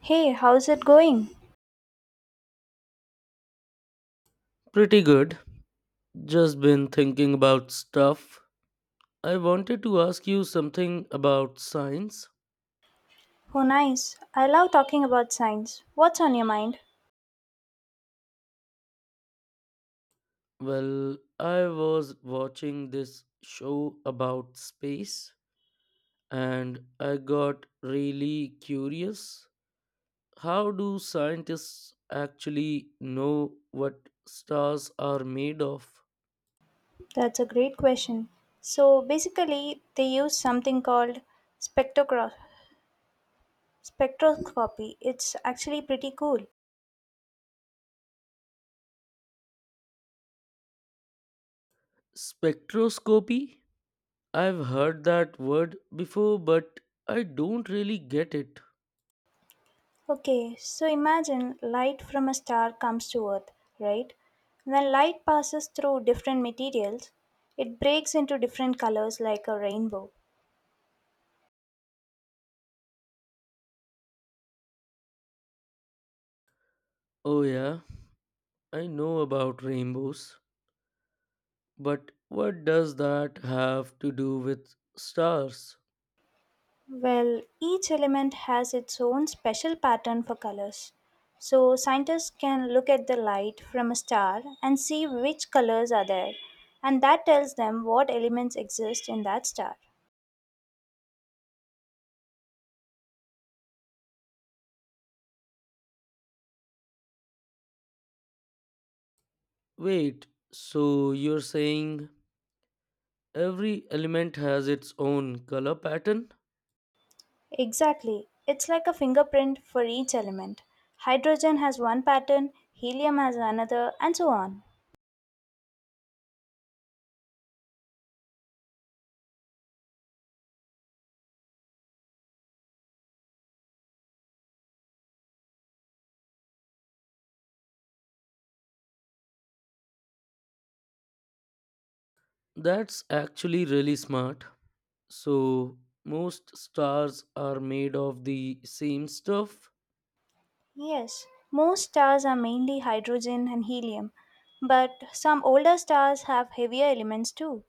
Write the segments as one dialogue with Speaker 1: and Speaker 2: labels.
Speaker 1: Hey, how's it going?
Speaker 2: Pretty good. Just been thinking about stuff. I wanted to ask you something about science.
Speaker 1: Oh, nice. I love talking about science. What's on your mind?
Speaker 2: Well, I was watching this show about space and I got really curious. How do scientists actually know what stars are made of?
Speaker 1: That's a great question. So, basically, they use something called spectrograph- spectroscopy. It's actually pretty cool.
Speaker 2: Spectroscopy? I've heard that word before, but I don't really get it.
Speaker 1: Okay, so imagine light from a star comes to Earth, right? When light passes through different materials, it breaks into different colors like a rainbow.
Speaker 2: Oh, yeah. I know about rainbows, but what does that have to do with stars?
Speaker 1: Well, each element has its own special pattern for colors. So, scientists can look at the light from a star and see which colors are there, and that tells them what elements exist in that star.
Speaker 2: Wait, so you're saying every element has its own color pattern?
Speaker 1: Exactly. It's like a fingerprint for each element. Hydrogen has one pattern, helium has another, and so on.
Speaker 2: That's actually really smart. So, most stars are made of the same stuff?
Speaker 1: Yes, most stars are mainly hydrogen and helium, but some older stars have heavier elements too.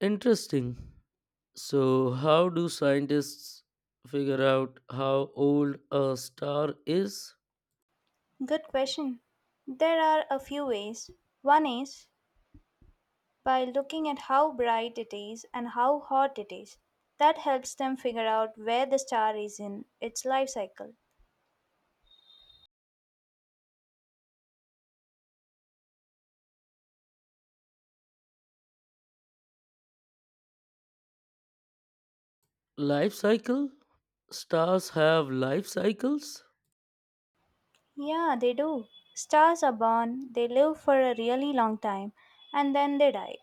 Speaker 2: Interesting. So, how do scientists figure out how old a star is?
Speaker 1: Good question. There are a few ways. One is by looking at how bright it is and how hot it is. That helps them figure out where the star is in its life cycle.
Speaker 2: Life cycle. Stars have life cycles?
Speaker 1: Yeah, they do. Stars are born, they live for a really long time, and then they die.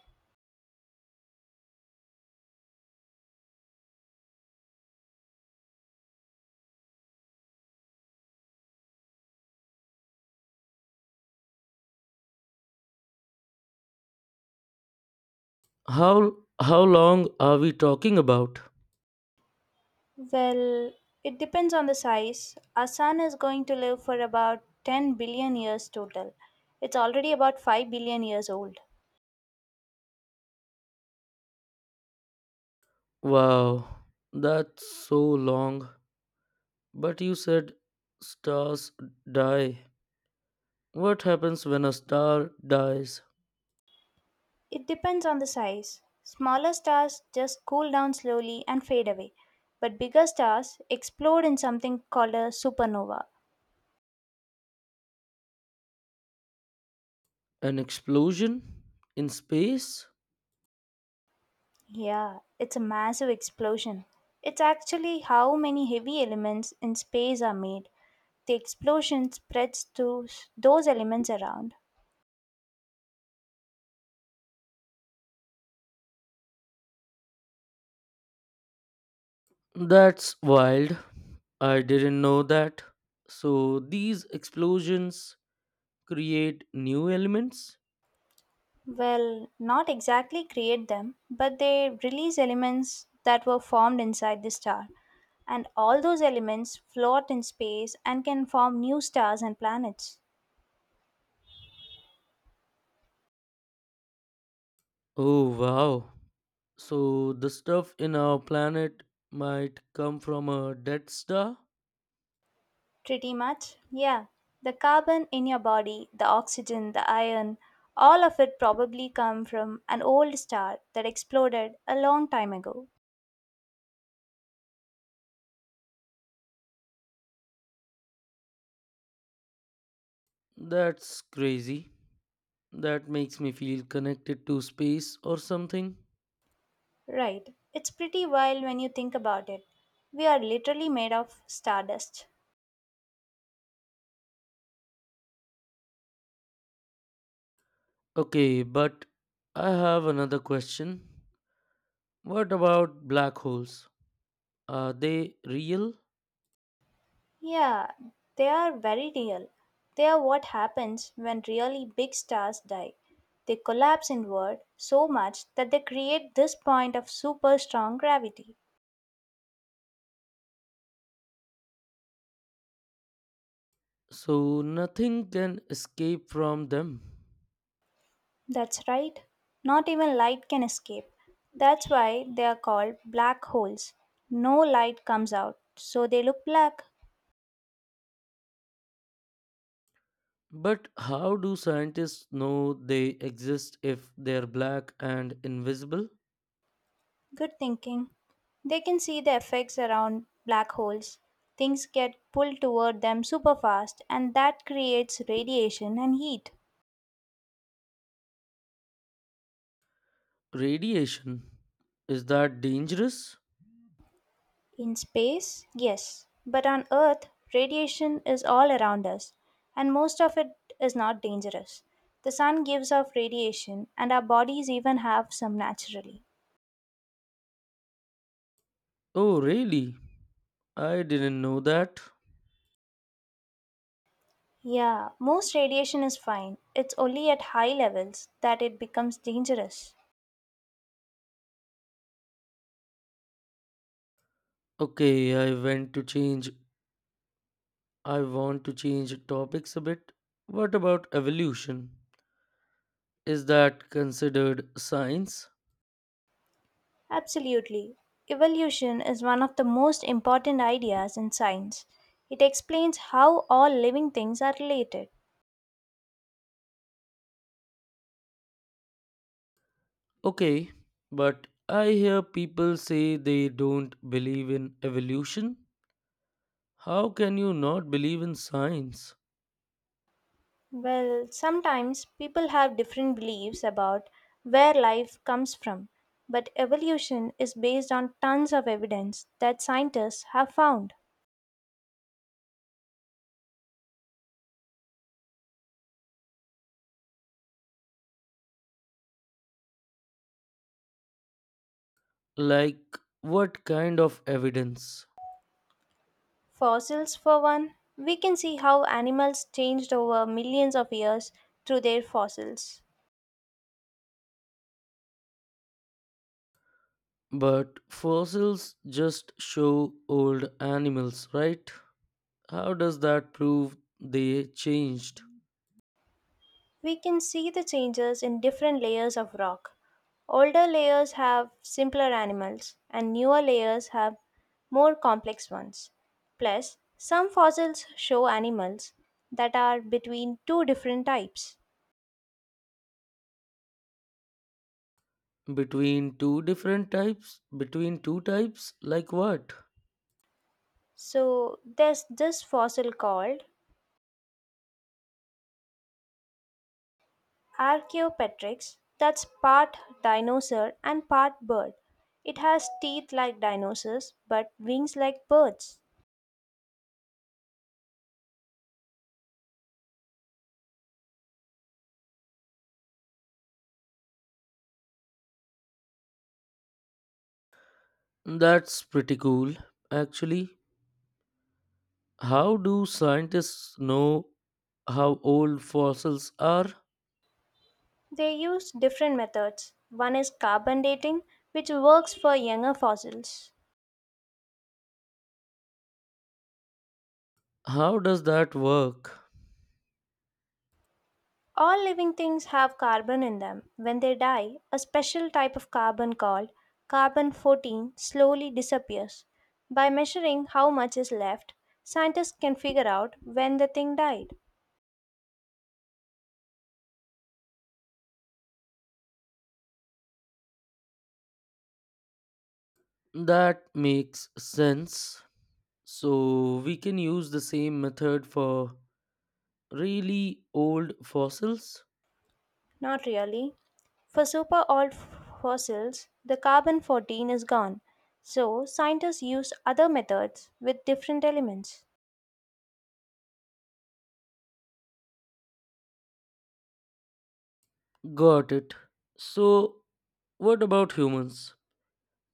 Speaker 2: how how long are we talking about?
Speaker 1: Well, it depends on the size. Our sun is going to live for about 10 billion years total. It's already about 5 billion years old.
Speaker 2: Wow, that's so long. But you said stars die. What happens when a star dies?
Speaker 1: It depends on the size. Smaller stars just cool down slowly and fade away, but bigger stars explode in something called a supernova.
Speaker 2: An explosion in space?
Speaker 1: Yeah, it's a massive explosion. It's actually how many heavy elements in space are made. The explosion spreads those elements around.
Speaker 2: That's wild. I didn't know that. So these explosions create new elements?
Speaker 1: Well, not exactly create them, but they release elements that were formed inside the star. And all those elements float in space and can form new stars and planets.
Speaker 2: Oh, wow. So the stuff in our planet might come from a dead star?
Speaker 1: Pretty much, yeah. The carbon in your body, the oxygen, the iron, all of it probably come from an old star that exploded a long time ago.
Speaker 2: That's crazy. That makes me feel connected to space or something.
Speaker 1: Right. It's pretty wild when you think about it. We are literally made of stardust.
Speaker 2: Okay, but I have another question. What about black holes? Are they real?
Speaker 1: Yeah, they are very real. They are what happens when really big stars die. They collapse inward so much that they create this point of super strong gravity.
Speaker 2: So nothing can escape from them.
Speaker 1: That's right. Not even light can escape. That's why they are called black holes. No light comes out, so they look black.
Speaker 2: But how do scientists know they exist if they're black and invisible?
Speaker 1: Good thinking. They can see the effects around black holes. Things get pulled toward them super fast, and that creates radiation and heat.
Speaker 2: Radiation. Is that dangerous?
Speaker 1: In space, yes, but on Earth, radiation is all around us, and most of it is not dangerous. The sun gives off radiation, and our bodies even have some naturally.
Speaker 2: Oh, really? I didn't know that.
Speaker 1: Yeah, most radiation is fine. It's only at high levels that it becomes dangerous.
Speaker 2: Okay, I went to change. I want to change topics a bit. What about evolution? Is that considered science?
Speaker 1: Absolutely. Evolution is one of the most important ideas in science. It explains how all living things are related.
Speaker 2: Okay, but I hear people say they don't believe in evolution. How can you not believe in science?
Speaker 1: Well, sometimes people have different beliefs about where life comes from, but evolution is based on tons of evidence that scientists have found.
Speaker 2: Like, what kind of evidence?
Speaker 1: Fossils, for one, we can see how animals changed over millions of years through their fossils.
Speaker 2: But fossils just show old animals, right? How does that prove they changed
Speaker 1: We can see the changes in different layers of rock. Older layers have simpler animals, and newer layers have more complex ones. Plus, some fossils show animals that are between two different types.
Speaker 2: between two different types? Between two types? Like what?
Speaker 1: So, there's this fossil called Archaeopteryx that's part dinosaur and part bird. It has teeth like dinosaurs but wings like birds.
Speaker 2: That's pretty cool, actually. How do scientists know how old fossils are?
Speaker 1: They use different methods. One is carbon dating, which works for younger fossils.
Speaker 2: How does that work?
Speaker 1: All living things have carbon in them. When they die, a special type of carbon called carbon 14 slowly disappears. By measuring how much is left, scientists can figure out when the thing died.
Speaker 2: That makes sense. So we can use the same method for really old fossils?
Speaker 1: Not really. For super fossils, the carbon 14 is gone. So, scientists use other methods with different elements.
Speaker 2: Got it. So, what about humans?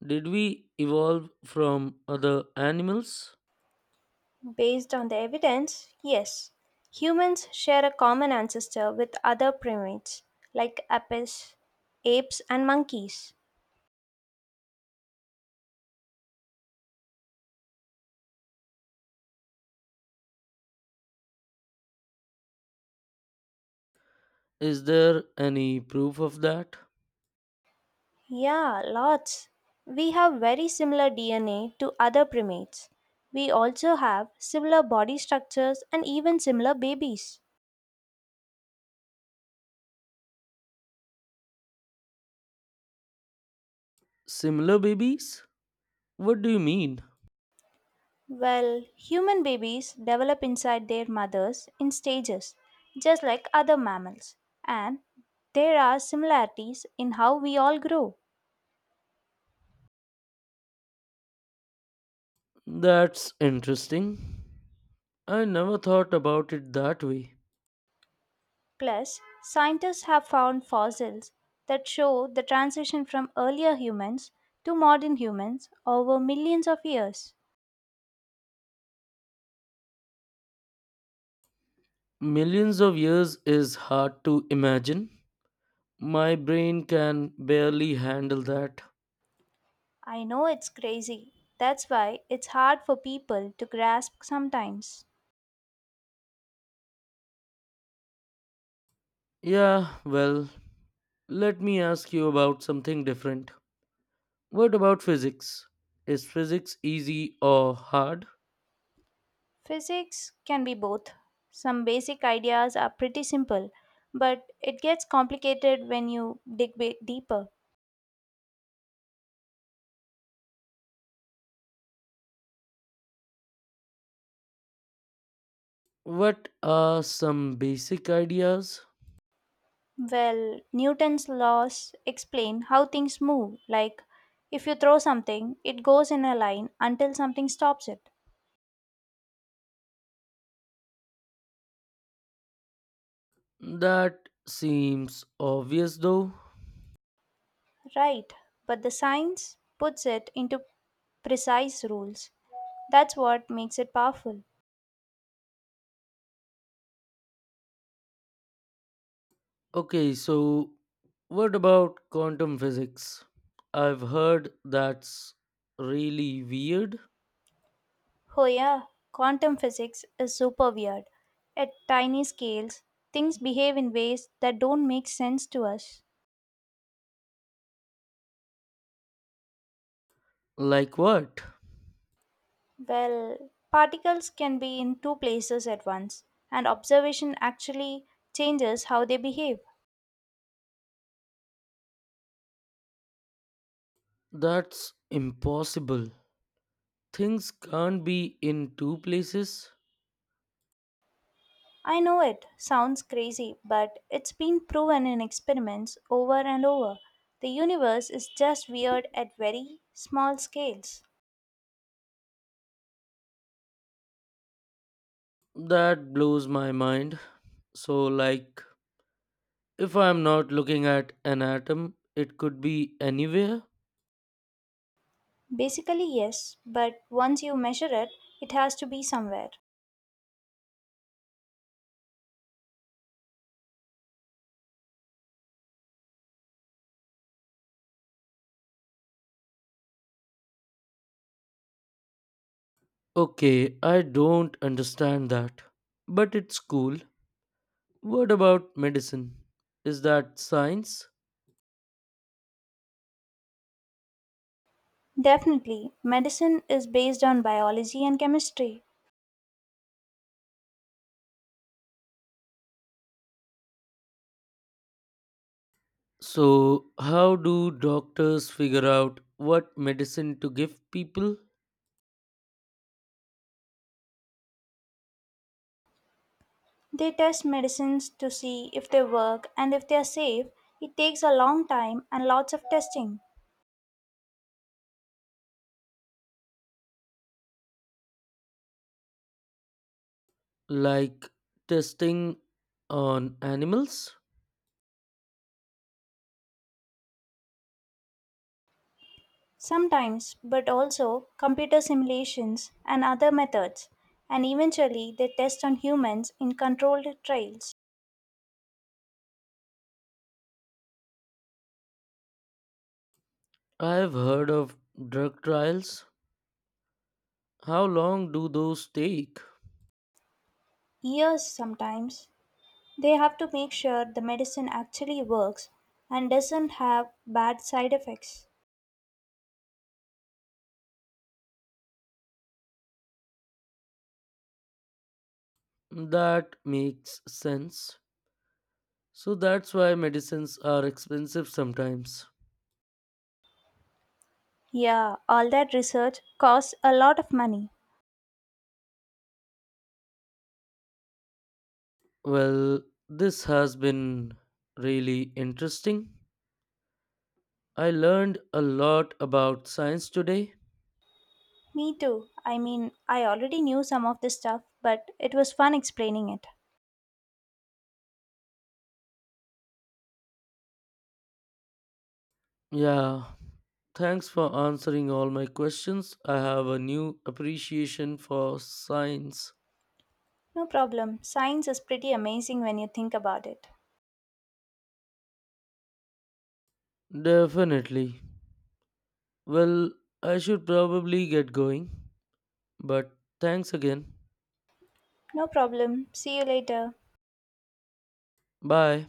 Speaker 2: Did we evolve from other animals?
Speaker 1: Based on the evidence, yes. Humans share a common ancestor with other primates, like apes, and monkeys.
Speaker 2: Is there any proof of that?
Speaker 1: Yeah, lots. We have very similar DNA to other primates. We also have similar body structures and even similar babies.
Speaker 2: Similar babies? What do you mean?
Speaker 1: Well, human babies develop inside their mothers in stages, just like other mammals, and there are similarities in how we all grow.
Speaker 2: That's interesting. I never thought about it that way.
Speaker 1: Plus, scientists have found fossils that show the transition from earlier humans to modern humans over millions of years.
Speaker 2: Millions of years is hard to imagine. My brain can barely handle that.
Speaker 1: I know it's crazy. That's why it's hard for people to grasp sometimes.
Speaker 2: Yeah, well, let me ask you about something different. What about physics? Is physics easy or hard?
Speaker 1: Physics can be both. Some basic ideas are pretty simple, but it gets complicated when you deeper.
Speaker 2: What are some basic ideas?
Speaker 1: Well, Newton's laws explain how things move. Like, if you throw something, it goes in a line until something stops it.
Speaker 2: That seems obvious though.
Speaker 1: Right, but the science puts it into precise rules. That's what makes it powerful.
Speaker 2: Okay, so what about quantum physics? I've heard that's really weird.
Speaker 1: Oh, yeah, quantum physics is super weird. At tiny scales, things behave in ways that don't make sense to us.
Speaker 2: Like what?
Speaker 1: Well, particles can be in two places at once, and observation actually changes how they behave.
Speaker 2: That's impossible. Things can't be in two places.
Speaker 1: I know it sounds crazy, but it's been proven in experiments over and over. The universe is just weird at very small scales.
Speaker 2: That blows my mind. So, like, if I'm not looking at an atom, it could be anywhere.
Speaker 1: Basically, yes, but once you measure it, it has to be somewhere.
Speaker 2: Okay, I don't understand that. But it's cool. What about medicine? Is that science?
Speaker 1: Definitely, medicine is based on biology and chemistry.
Speaker 2: So, how do doctors figure out what medicine to give people?
Speaker 1: They test medicines to see if they work and if they are safe. It takes a long time and lots of testing.
Speaker 2: Like testing on animals?
Speaker 1: Sometimes, but also computer simulations and other methods, and eventually they test on humans in controlled trials.
Speaker 2: I've heard of drug trials. How long do those take?
Speaker 1: Years sometimes. They have to make sure the medicine actually works and doesn't have bad side effects.
Speaker 2: That makes sense. So, that's why medicines are expensive sometimes.
Speaker 1: Yeah, all that research costs a lot of money.
Speaker 2: Well, this has been really interesting. I learned a lot about science today.
Speaker 1: Me too. I mean, I already knew some of this stuff, but it was fun explaining it.
Speaker 2: Yeah, thanks for answering all my questions. I have a new appreciation for science.
Speaker 1: No problem. Science is pretty amazing when you think about it.
Speaker 2: Definitely. Well, I should probably get going, but thanks again.
Speaker 1: No problem. See you later.
Speaker 2: Bye.